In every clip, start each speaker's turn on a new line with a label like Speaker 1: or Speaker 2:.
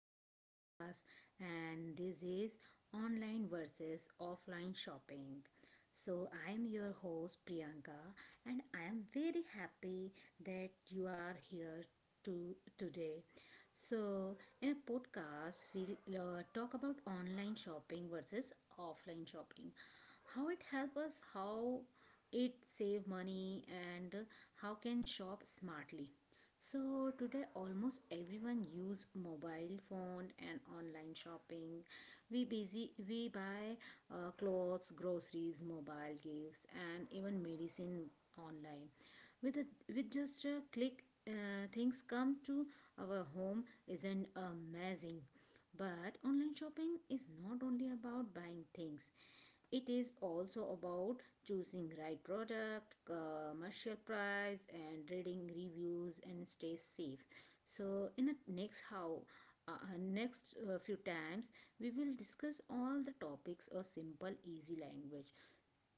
Speaker 1: our podcast. And this is online versus offline shopping. So, I am your host Priyanka, and I am very happy that you are here to today. So, in a podcast, we'll talk about online shopping versus offline shopping. How it helps us, how it save money, and how can shop smartly. So today almost everyone use mobile phone and online shopping. We buy clothes, groceries, mobile gifts and even medicine online. With a, with just a click things come to our home, isn't amazing. But online shopping is not only about buying things, it is also about choosing right product commercial price and reading reviews and stay safe. So in the next how uh, next few times we will discuss all the topics of simple easy language.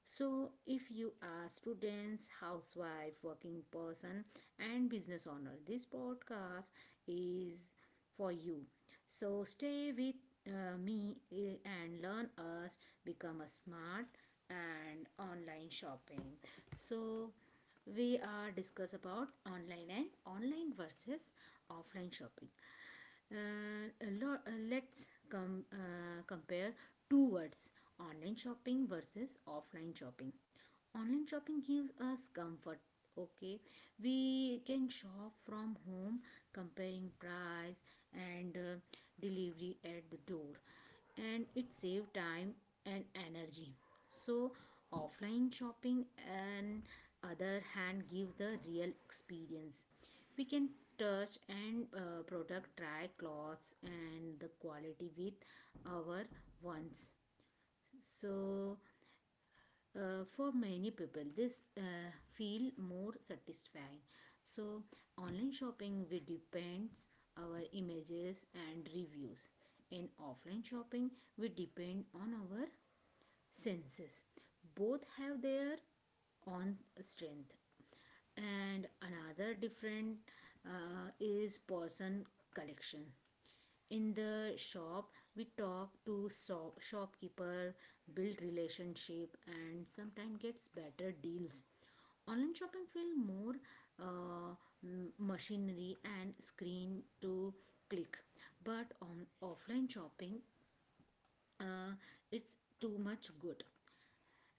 Speaker 1: So, if you are students, housewife, working person, and business owner, this podcast is for you. So, stay with me and learn us become a smart and online shopping. So, we are discuss about online and online versus offline shopping. Uh, let's compare two words, online shopping versus offline shopping. Online shopping gives us comfort. Okay, we can shop from home, comparing price and delivery at the door, and it saves time and energy. So, offline shopping and other hand give the real experience. We can touch and product try clothes and the quality with our ones. So for many people this feel more satisfying. So online shopping will depends our images and reviews. In offline shopping we depend on our senses. Both have their own strength. And another different is person collection. In the shop we talk to shopkeeper, build relationship and sometimes gets better deals. Online shopping feel more uh, machinery and screen to click, but on offline shopping uh, it's too much good.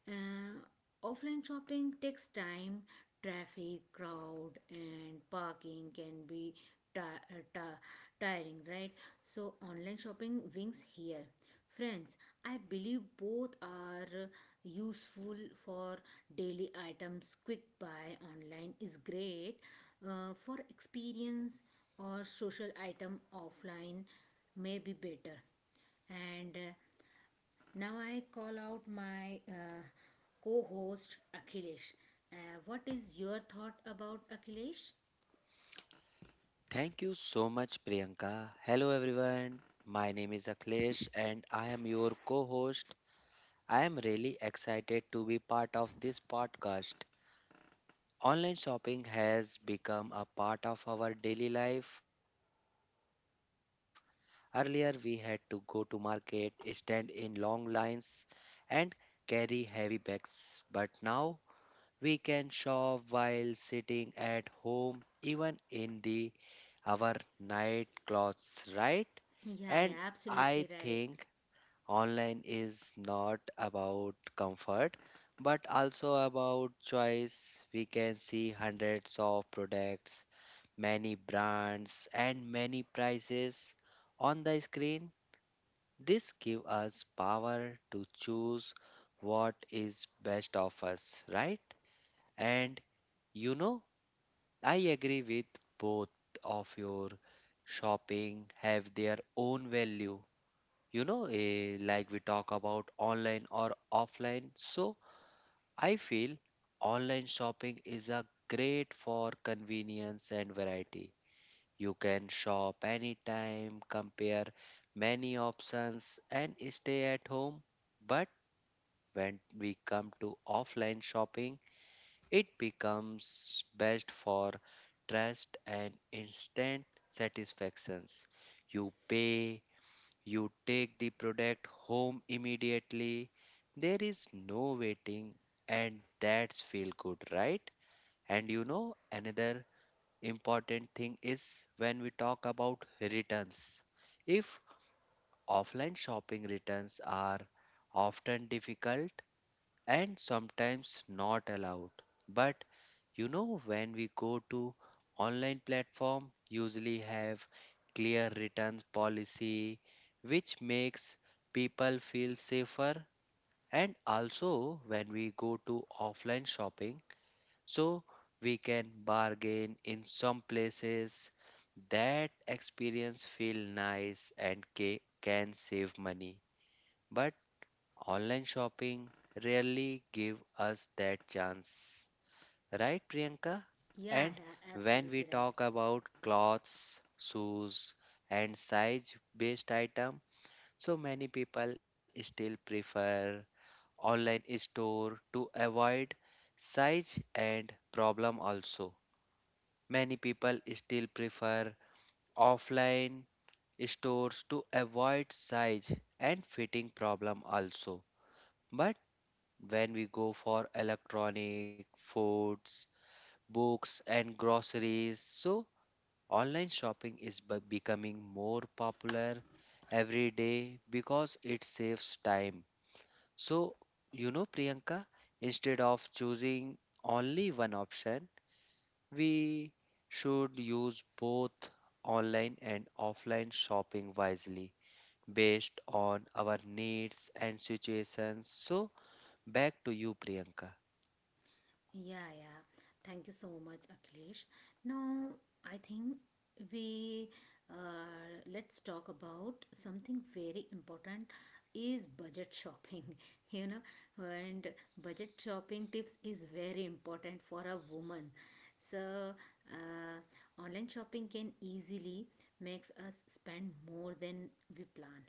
Speaker 1: uh, Offline shopping takes time, traffic, crowd, and parking can be ti- uh, ti- tiring, right? So, online shopping wins here. Friends, I believe both are useful for daily items. Quick buy online is great, for experience or social item offline may be better. And Now I call out my co host Akhilesh. What is your thought about Akhilesh?
Speaker 2: Thank you so much, Priyanka. Hello, everyone. My name is Akhilesh and I am your co host. I am really excited to be part of this podcast. Online shopping has become a part of our daily life. Earlier, we had to go to market, stand in long lines, and carry heavy bags. But now, we can shop while sitting at home, even in the our night clothes, right?
Speaker 1: Yeah, yeah,
Speaker 2: And I
Speaker 1: absolutely right.
Speaker 2: think online is not about comfort, but also about choice. We can see hundreds of products, many brands, and many prices on the screen. This gives us power to choose what is best of us, right? And you know, I agree with both of your shopping have their own value. You know, like we talk about online or offline. So I feel online shopping is a great for convenience and variety. You can shop anytime, compare many options and stay at home. But when we come to offline shopping, it becomes best for trust and instant satisfactions. You pay, you take the product home immediately. There is no waiting, and that's feel good, right? And you know, another important thing is when we talk about returns. If offline shopping returns are often difficult and sometimes not allowed, but you know when we go to online platform usually have clear returns policy which makes people feel safer, and also when we go to offline shopping, so we can bargain in some places, that experience feel nice and can save money, but online shopping rarely give us that chance. Right, Priyanka?
Speaker 1: Yeah,
Speaker 2: And
Speaker 1: yeah,
Speaker 2: when we
Speaker 1: absolutely right.
Speaker 2: talk about clothes, shoes, and size based item, so many people still prefer online store to avoid size and problem also. Many people still prefer offline stores to avoid size and fitting problem also. But when we go for electronic, foods, books and groceries, so online shopping is becoming more popular every day because it saves time. So, you know, Priyanka, instead of choosing only one option, we should use both online and offline shopping wisely based on our needs and situations. So, back to you, Priyanka.
Speaker 1: Yeah, yeah. Thank you so much, Akhilesh. Now, I think we let's talk about something very important is budget shopping. You know, and budget shopping tips is very important for a woman. So, online shopping can easily makes us spend more than we plan,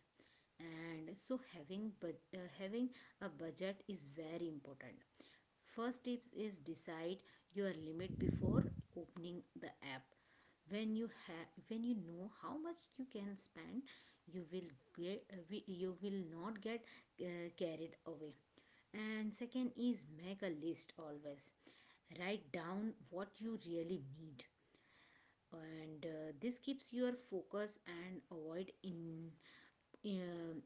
Speaker 1: and so having a budget is very important. First tips is decide your limit before opening the app. When you know how much you can spend, you will get you will not get carried away. And second is make a list always. Write down what you really need. And this keeps your focus and avoid in um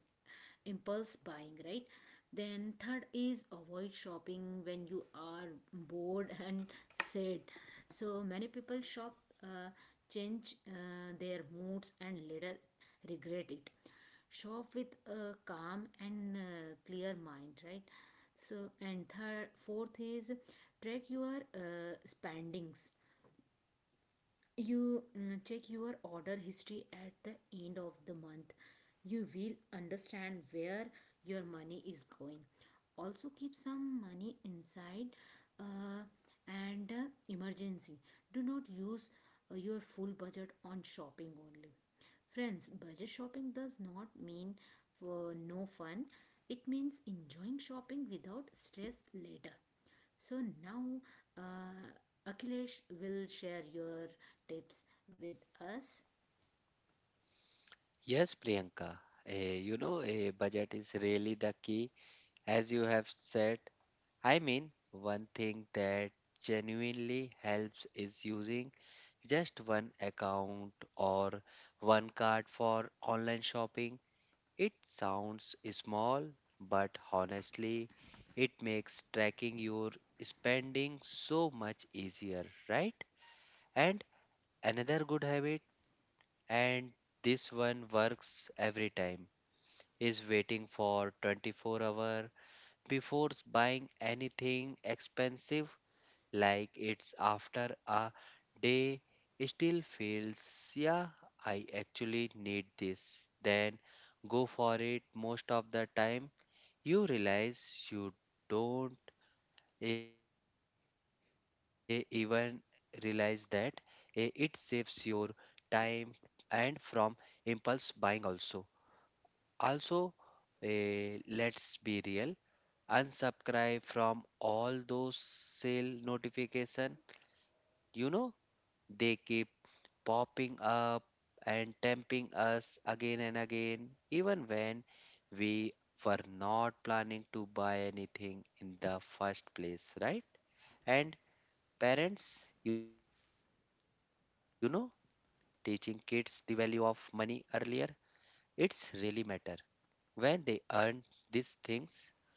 Speaker 1: impulse buying, right? Then, third is avoid shopping when you are bored and sad. So, many people shop, uh, change their moods, and later regret it. Shop with a calm and clear mind, right? Fourth is track your spendings. Check your order history at the end of the month. You will understand where your money is going. Also, keep some money inside uh, and emergency. Do not use your full budget on shopping only. Friends, budget shopping does not mean for no fun. It means enjoying shopping without stress later. So now, Akhilesh will share your tips with us.
Speaker 2: Yes, Priyanka. You know, a budget is really the key. As you have said, I mean, one thing that genuinely helps is using just one account or one card for online shopping. It sounds small, but honestly, it makes tracking your spending so much easier, right? And another good habit, and this one works every time, is waiting for 24 hour before buying anything expensive, like it's after a day still feels, yeah, I actually need this, then go for it. Most of the time you realize you don't even realize that it saves your time and from impulse buying also. Also, let's be real, unsubscribe from all those sale notification. You know, they keep popping up and tempting us again and again even when we were not planning to buy anything in the first place, right? And parents, you know, teaching kids the value of money earlier, it's really matter. When they earn these things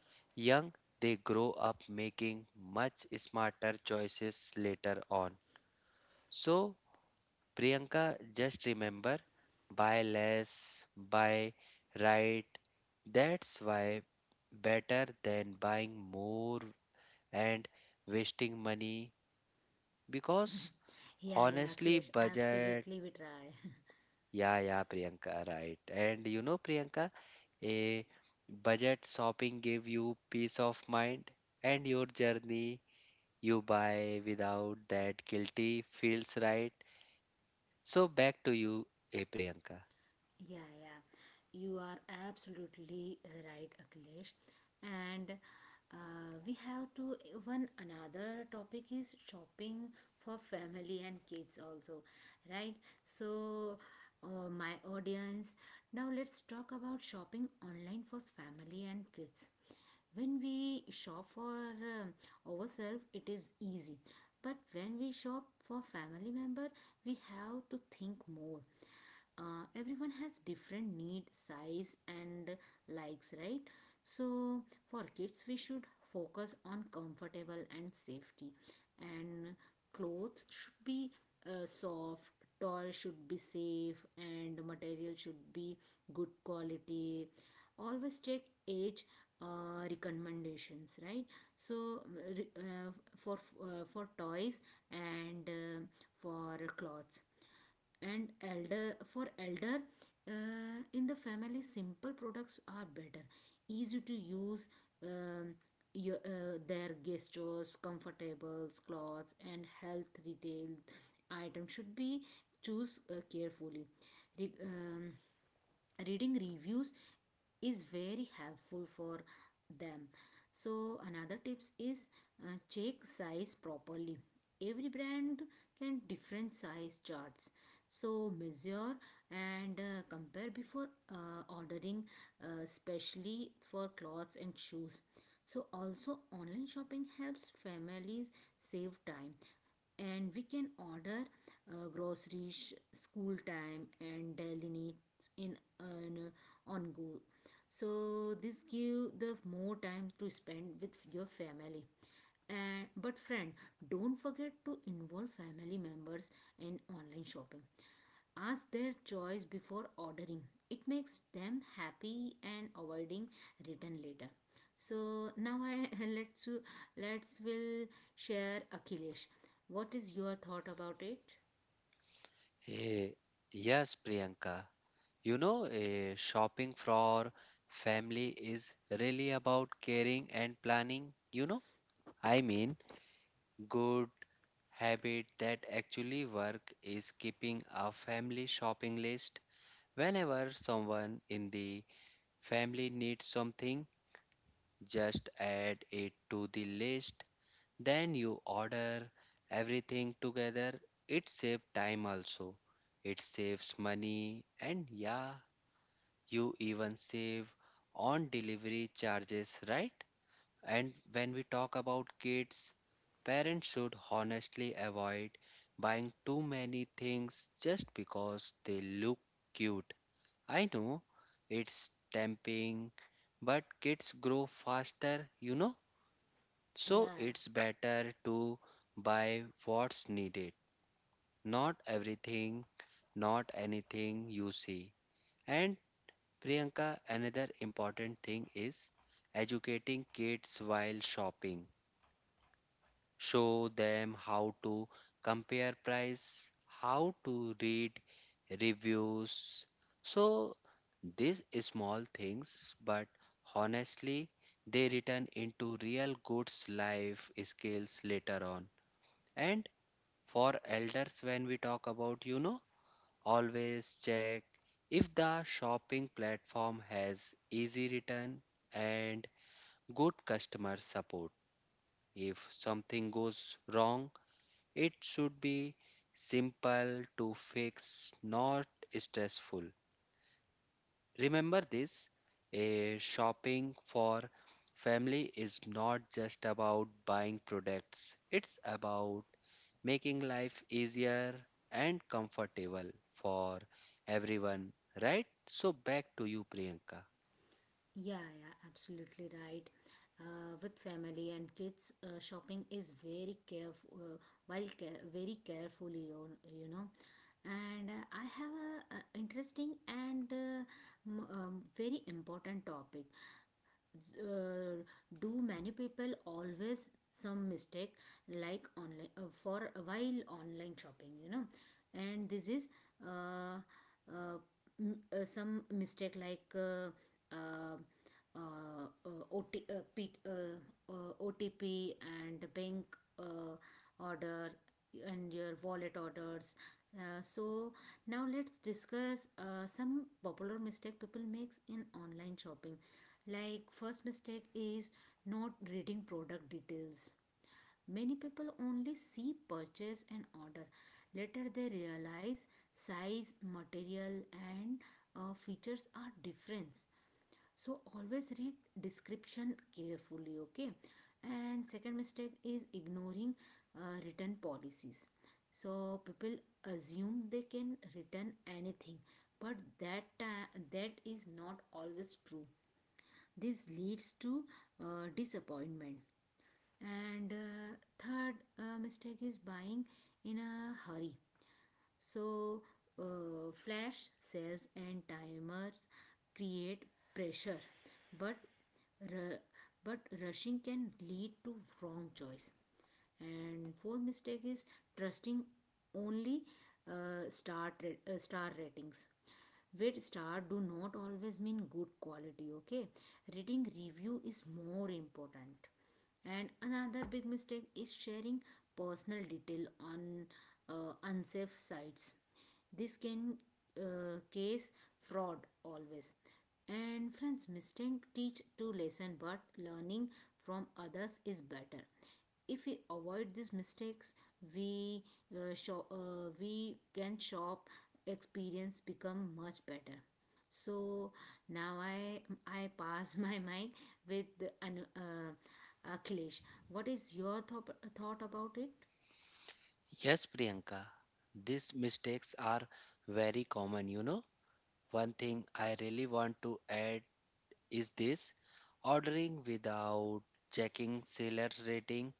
Speaker 2: young, they grow up making much smarter choices later on. So, Priyanka, just remember, buy less, buy right. That's why better than buying more and wasting money because
Speaker 1: Yeah, yeah,
Speaker 2: honestly,
Speaker 1: Akhilesh,
Speaker 2: budget.
Speaker 1: absolutely, we try.
Speaker 2: Yeah, yeah, Priyanka, right. And you know, Priyanka, a budget shopping gave you peace of mind and your journey you buy without that guilty feels right. So back to you, Priyanka.
Speaker 1: Yeah, yeah, you are absolutely right, Akhilesh. And we have to one another topic is shopping for family and kids also, right? So, my audience, now let's talk about shopping online for family and kids. When we shop for ourselves it is easy, but when we shop for family member we have to think more. Everyone has different need size and likes, right? So for kids we should focus on comfortable and safety, and clothes should be soft. Toys should be safe and material should be good quality. Always check age recommendations, right? So re- uh, for for toys and for clothes and elder in the family, simple products are better, easy to use. um, your, their gestures comfortables clothes and health retail items should be choose carefully. Re- um, Reading reviews is very helpful for them. So another tips is check size properly. Every brand can different size charts, so measure and compare before ordering, especially for clothes and shoes. So also online shopping helps families save time, and we can order groceries school time and daily needs in an on go. So this give the more time to spend with your family. And but friend, don't forget to involve family members in online shopping. Ask their choice before ordering. It makes them happy and avoiding return later. So now I let's let's will share achilles, what is your thought about it?
Speaker 2: Eh, yes, Priyanka. You know, shopping for family is really about caring and planning. You know, I mean, good habit that actually work is keeping a family shopping list. Whenever someone in the family needs something, just add it to the list. Then you order everything together. It saves time also. It saves money and, yeah, you even save on delivery charges, right? And when we talk about kids, parents should honestly avoid buying too many things just because they look cute. I know it's tempting, but kids grow faster, you know? So
Speaker 1: yeah
Speaker 2: it's better to buy what's needed, not everything, not anything you see. And Priyanka, another important thing is educating kids while shopping. Show them how to compare price, how to read reviews. So these small things, but honestly, they return into real goods life skills later on. And for elders, when we talk about, you know, always check if the shopping platform has easy return and good customer support. If something goes wrong, it should be simple to fix, not stressful. Remember this, a shopping for family is not just about buying products, it's about making life easier and comfortable for everyone, right? So, back to you, Priyanka.
Speaker 1: yeah, absolutely right. With family and kids shopping is very careful, very carefully you you know. And I have a interesting and very important topic. uh, do many people always some mistake like online for while online shopping, you know. And this is uh, uh, some mistake like uh, OT, P, OTP and bank uh, order and your wallet orders. So now let's discuss some popular mistake people makes in online shopping. Like first mistake is not reading product details. Many people only see purchase and order. Later they realize size, material and features are different. So always read description carefully, okay? And second mistake is ignoring return policies. So people assume they can return anything, but that is not always true. This leads to disappointment. And third mistake is buying in a hurry. So, flash sales and timers create pressure, but ru- but rushing can lead to wrong choice. And fourth mistake is trusting only star star ratings. With star do not always mean good quality. Okay, rating review is more important. And another big mistake is sharing personal detail on unsafe sites. This can case fraud always. And friends, mistake teach two lesson, but learning from others is better. If we avoid these mistakes, we we can shop experience become much better. So now I pass my mic with Anu, akhilesh, what is your thought about it?
Speaker 2: Yes, Priyanka, these mistakes are very common, you know. One thing I really want to add is this, ordering without checking seller rating.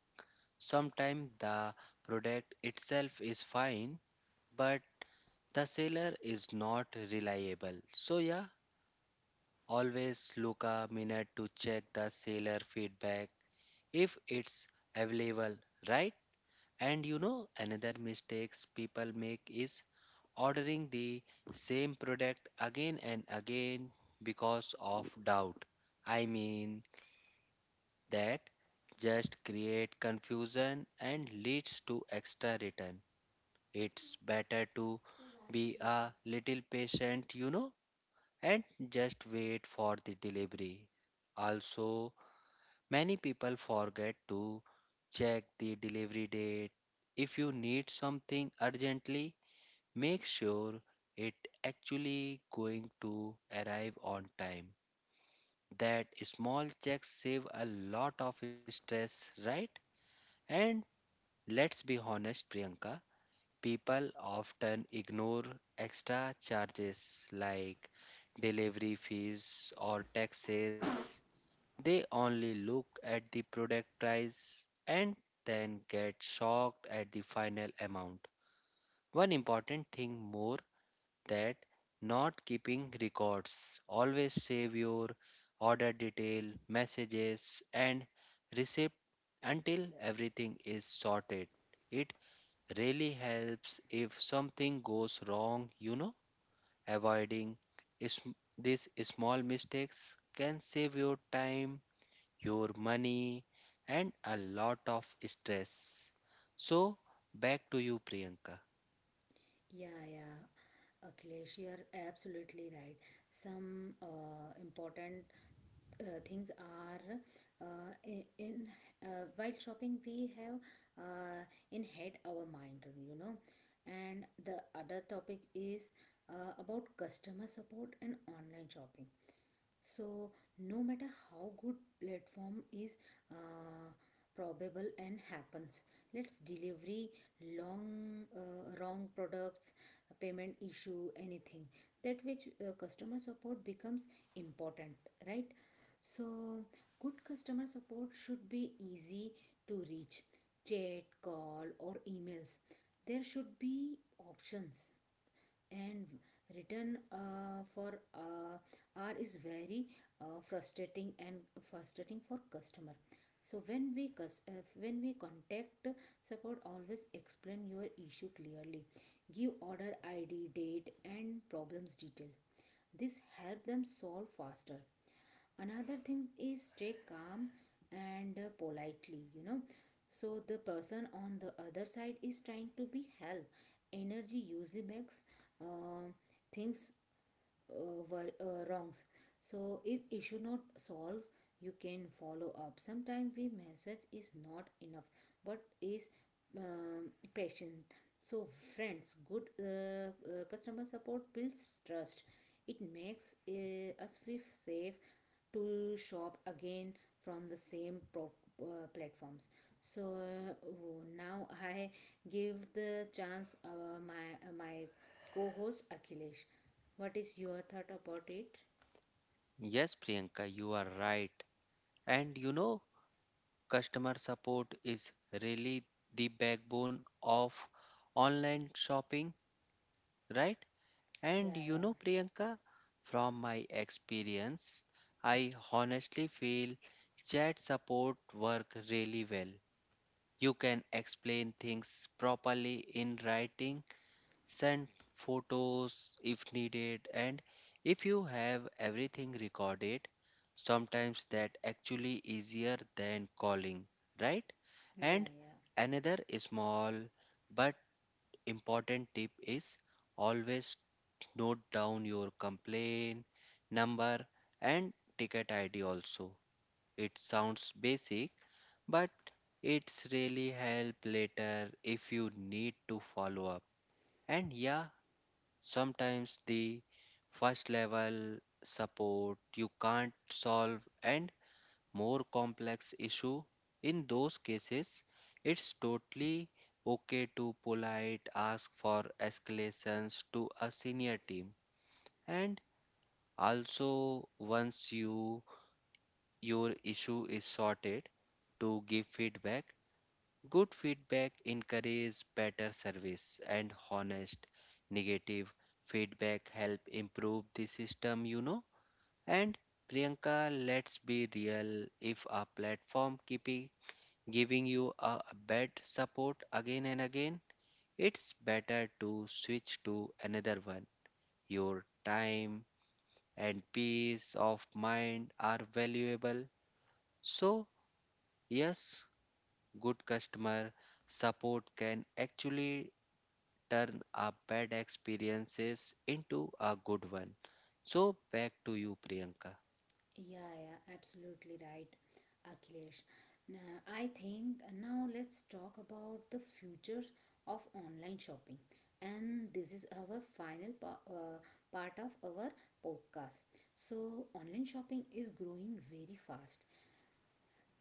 Speaker 2: Sometimes the product itself is fine, but the seller is not reliable. So, yeah, always look a minute to check the seller feedback if it's available, right? And you know, another mistakes people make is ordering the same product again and again because of doubt. I mean, that just create confusion and leads to extra return. It's better to be a little patient, you know, and just wait for the delivery. Also, many people forget to check the delivery date. If you need something urgently, make sure it actually going to arrive on time. That small checks save a lot of stress, right? And let's be honest, Priyanka, people often ignore extra charges like delivery fees or taxes. They only look at the product price and then get shocked at the final amount. One important thing more, that not keeping records. Always save your order detail, messages, and receipt until everything is sorted. It really helps if something goes wrong, you know, avoiding is these small mistakes can save your time, your money, and a lot of stress. So, back to you, Priyanka.
Speaker 1: Yeah, yeah. Akhilesh, you're absolutely right. Some important things are in while shopping we have uh, in head our mind, you know. And the other topic is about customer support and online shopping. So no matter how good platform is, uh, probable and happens, let's delivery long wrong products, payment issue, anything. That which customer support becomes important, right? So good customer support should be easy to reach, chat, call or emails. There should be options. And return for r is very uh, frustrating and frustrating for customer. So when we contact support, always explain your issue clearly, give order id, date and problems detail. This help them solve faster. Another thing is stay calm and politely, you know. So the person on the other side is trying to be help, energy usually makes uh, things wrongs. So if issue not solved, you can follow up. Sometimes we message is not enough, but is patient. So friends, good customer support builds trust. It makes us feel safe to shop again from the platforms. So now I give the chance my co-host Akhilesh. What is your thought about it?
Speaker 2: Yes, Priyanka, you are right. And you know, customer support is really the backbone of online shopping, right?
Speaker 1: Yeah,
Speaker 2: And you
Speaker 1: yeah,
Speaker 2: know, Priyanka, from my experience, I honestly feel chat support work really well. You can explain things properly in writing. Send photos if needed, and if you have everything recorded, sometimes that actually easier than calling, right?
Speaker 1: yeah,
Speaker 2: And
Speaker 1: yeah,
Speaker 2: another small but important tip is always note down your complaint number and ticket ID also. It sounds basic, but it's really help later if you need to follow up. And yeah, sometimes the first level support you can't solve and more complex issue. In those cases, it's totally okay to polite ask for escalations to a senior team. And also once you your issue is sorted, to give feedback. Good feedback encourages better service, and honest negative feedback help improve the system, you know. And Priyanka, let's be real, if a platform keep giving you a bad support again and again, it's better to switch to another one. Your time and peace of mind are valuable. So, yes, good customer support can actually turn a bad experiences into a good one. So back to you, Priyanka.
Speaker 1: yeah, yeah. Absolutely right, Akhilesh. Now, I think now let's talk about the future of online shopping, and this is our part of our podcast. So, online shopping is growing very fast.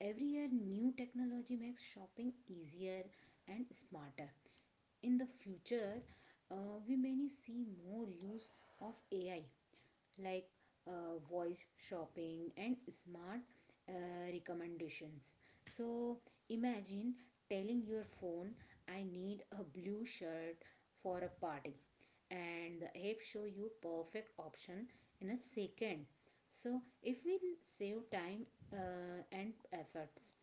Speaker 1: Every year, new technology makes shopping easier and smarter. In the future, we may see more use of AI like voice shopping and smart recommendations. So imagine telling your phone, I need a blue shirt for a party, and the app show you perfect option in a second. So if we save time and efforts,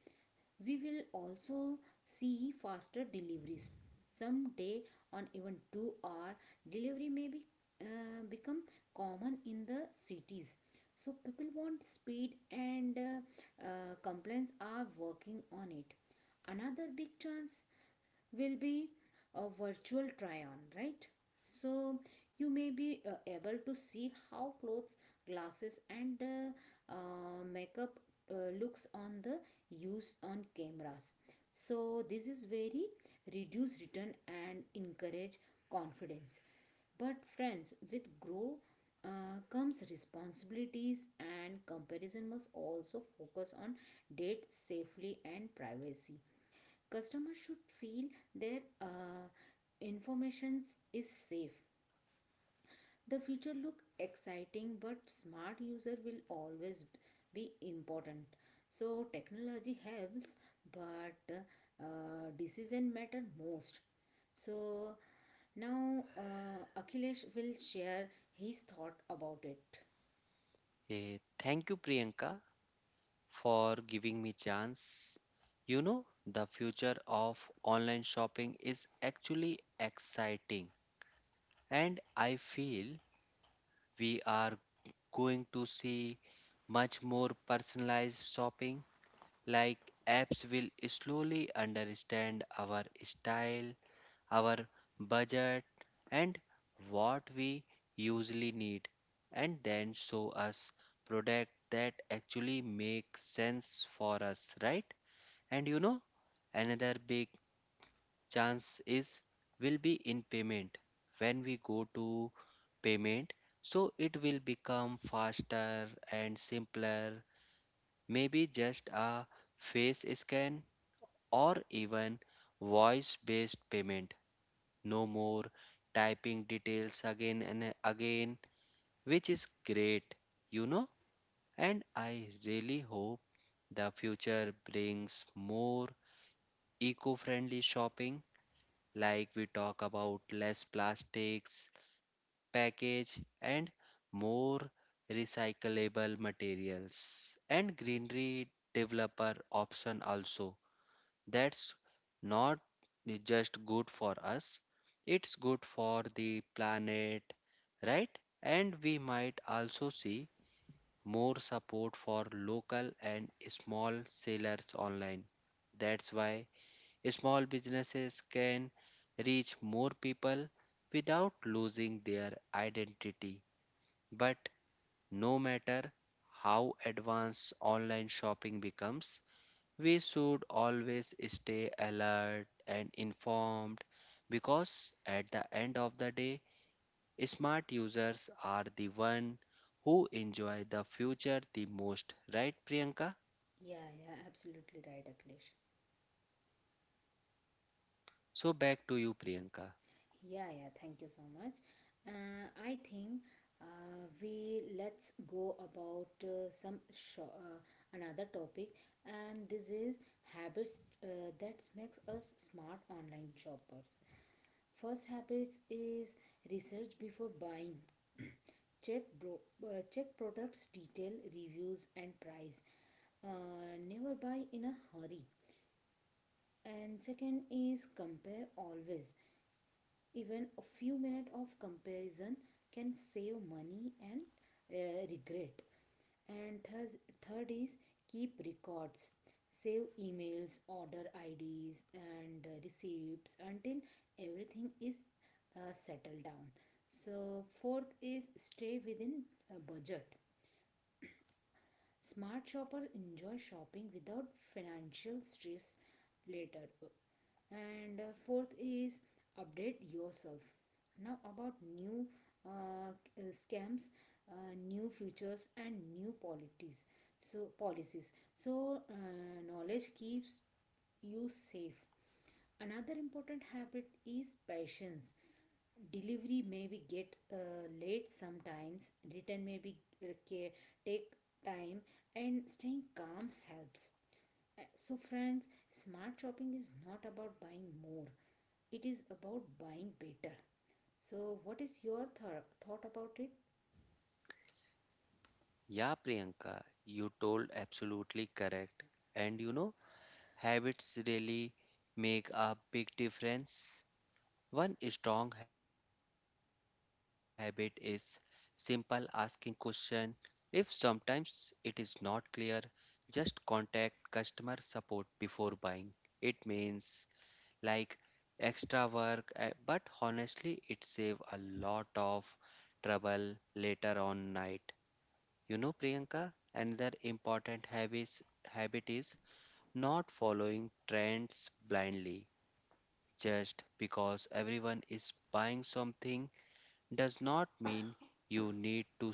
Speaker 1: we will also see faster deliveries. Someday, on even 2 hour delivery may be become common in the cities. So people want speed, and complaints are working on it. Another big chance will be a virtual try on, right? So you may be able to see how clothes, glasses, and makeup looks on the use on cameras. So this is very reduce return and encourage confidence. But friends, with grow comes responsibilities, and comparison must also focus on date safely and privacy. Customers should feel their information is safe. The future look exciting, but smart user will always be important. So technology helps, but decision matter most. So now Akhilesh will share his thought about it.
Speaker 2: Thank you, Priyanka, for giving me chance. You know, the future of online shopping is actually exciting, and I feel we are going to see much more personalized shopping. Like apps will slowly understand our style, our budget, and what we usually need, and then show us product that actually make sense for us, right? And you know, another big chance is will be in payment. When we go to payment, so it will become faster and simpler, maybe just a face scan or even voice based payment, no more typing details again and again, which is great, you know. And I really hope the future brings more eco friendly shopping, like we talk about less plastics, package, and more recyclable materials and greenery developer option also. That's not just good for us, it's good for the planet, right? And we might also see more support for local and small sellers online. That's why small businesses can reach more people without losing their identity. But no matter how advanced online shopping becomes, we should always stay alert and informed because at the end of the day, smart users are the one who enjoy the future the most, right Priyanka?
Speaker 1: Yeah, yeah, absolutely right, Akhilesh.
Speaker 2: So back to you Priyanka.
Speaker 1: Yeah, yeah, thank you so much. I think we let's go about some sho another topic, and this is habits that makes us smart online shoppers. First habits is research before buying. Check products detail, reviews, and price. Never buy in a hurry. And second is compare always. Even a few minutes of comparison can save money and regret. And thus, third is keep records. Save emails, order IDs, and receipts until everything is settled down. So, fourth is stay within a budget. Smart shoppers enjoy shopping without financial stress later. And fourth is update yourself now about new uh, scams, uh, new features and new policies. So policies so knowledge keeps you safe. Another important habit is patience. Delivery may be get late sometimes, return may be uh, take time, and staying calm helps. So, friends, smart shopping is not about buying more, it is about buying better. So, what is your thought about it?
Speaker 2: Yeah Priyanka, you told absolutely correct. And you know, habits really make a big difference. One strong habit is simple asking question. If sometimes it is not clear, just contact customer support before buying. It means like extra work, but honestly, it save a lot of trouble later on night. You know, Priyanka, another important habit is not following trends blindly. Just because everyone is buying something does not mean you need to.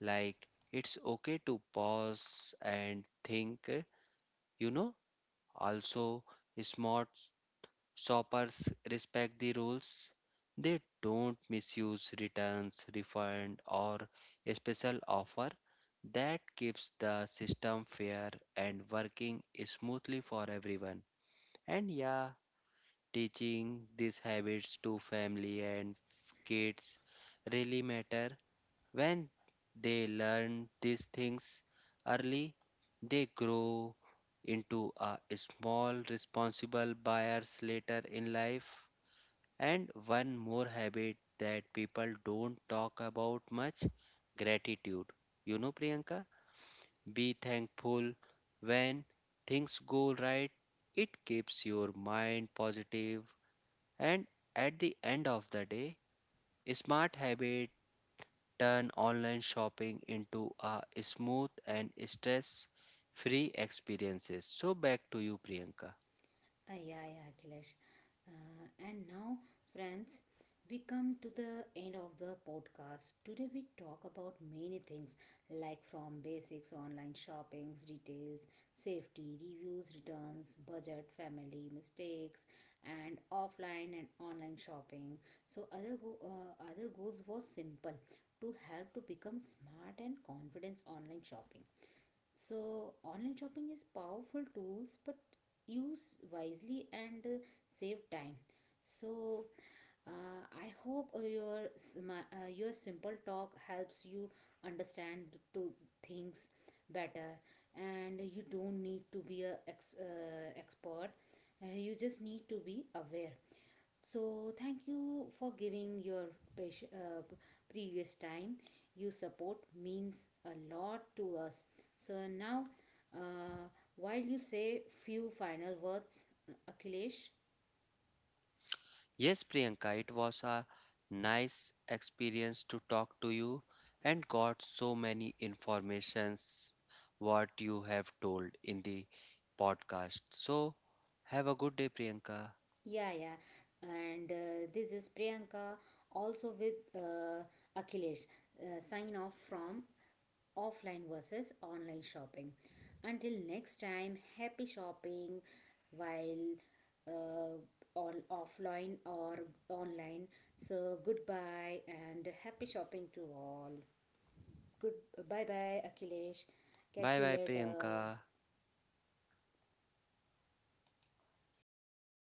Speaker 2: Like it's okay to pause and think, you know. Also, smart shoppers respect the rules. They don't misuse returns, refund, or a special offer. That keeps the system fair and working smoothly for everyone. And yeah, teaching these habits to family and kids really matter. When they learn these things early, they grow into a small, responsible buyers later in life. And one more habit that people don't talk about much, gratitude. You know, Priyanka, be thankful when things go right. It keeps your mind positive, and at the end of the day, smart habits turn online shopping into a smooth and stress free experiences. So back to you Priyanka.
Speaker 1: Ah, yeah, yeah, Akhilesh. And now, friends, we come to the end of the podcast. Today, we talk about many things like from basics, online shoppings, details, safety, reviews, returns, budget, family, mistakes, and offline and online shopping. So, other goals was simple to help to become smart and confidence online shopping. So online shopping is powerful tools, but use wisely and save time. So I hope your simple talk helps you understand to things better, and you don't need to be a expert. You just need to be aware. So thank you for giving your patient, previous time. You support means a lot to us. So now, uh, while you say few final words, Akhilesh,
Speaker 2: Yes Priyanka, it was a nice experience to talk to you and got so many informations what you have told in the podcast. So have a good day Priyanka.
Speaker 1: yeah, yeah, and this is Priyanka also with Akhilesh. Sign off from offline versus online shopping. Until next time, happy shopping while uh, all offline or online. So goodbye and happy shopping to all. Good bye bye Akhilesh.
Speaker 2: Bye
Speaker 1: Catch you
Speaker 2: bye Priyanka.
Speaker 1: later.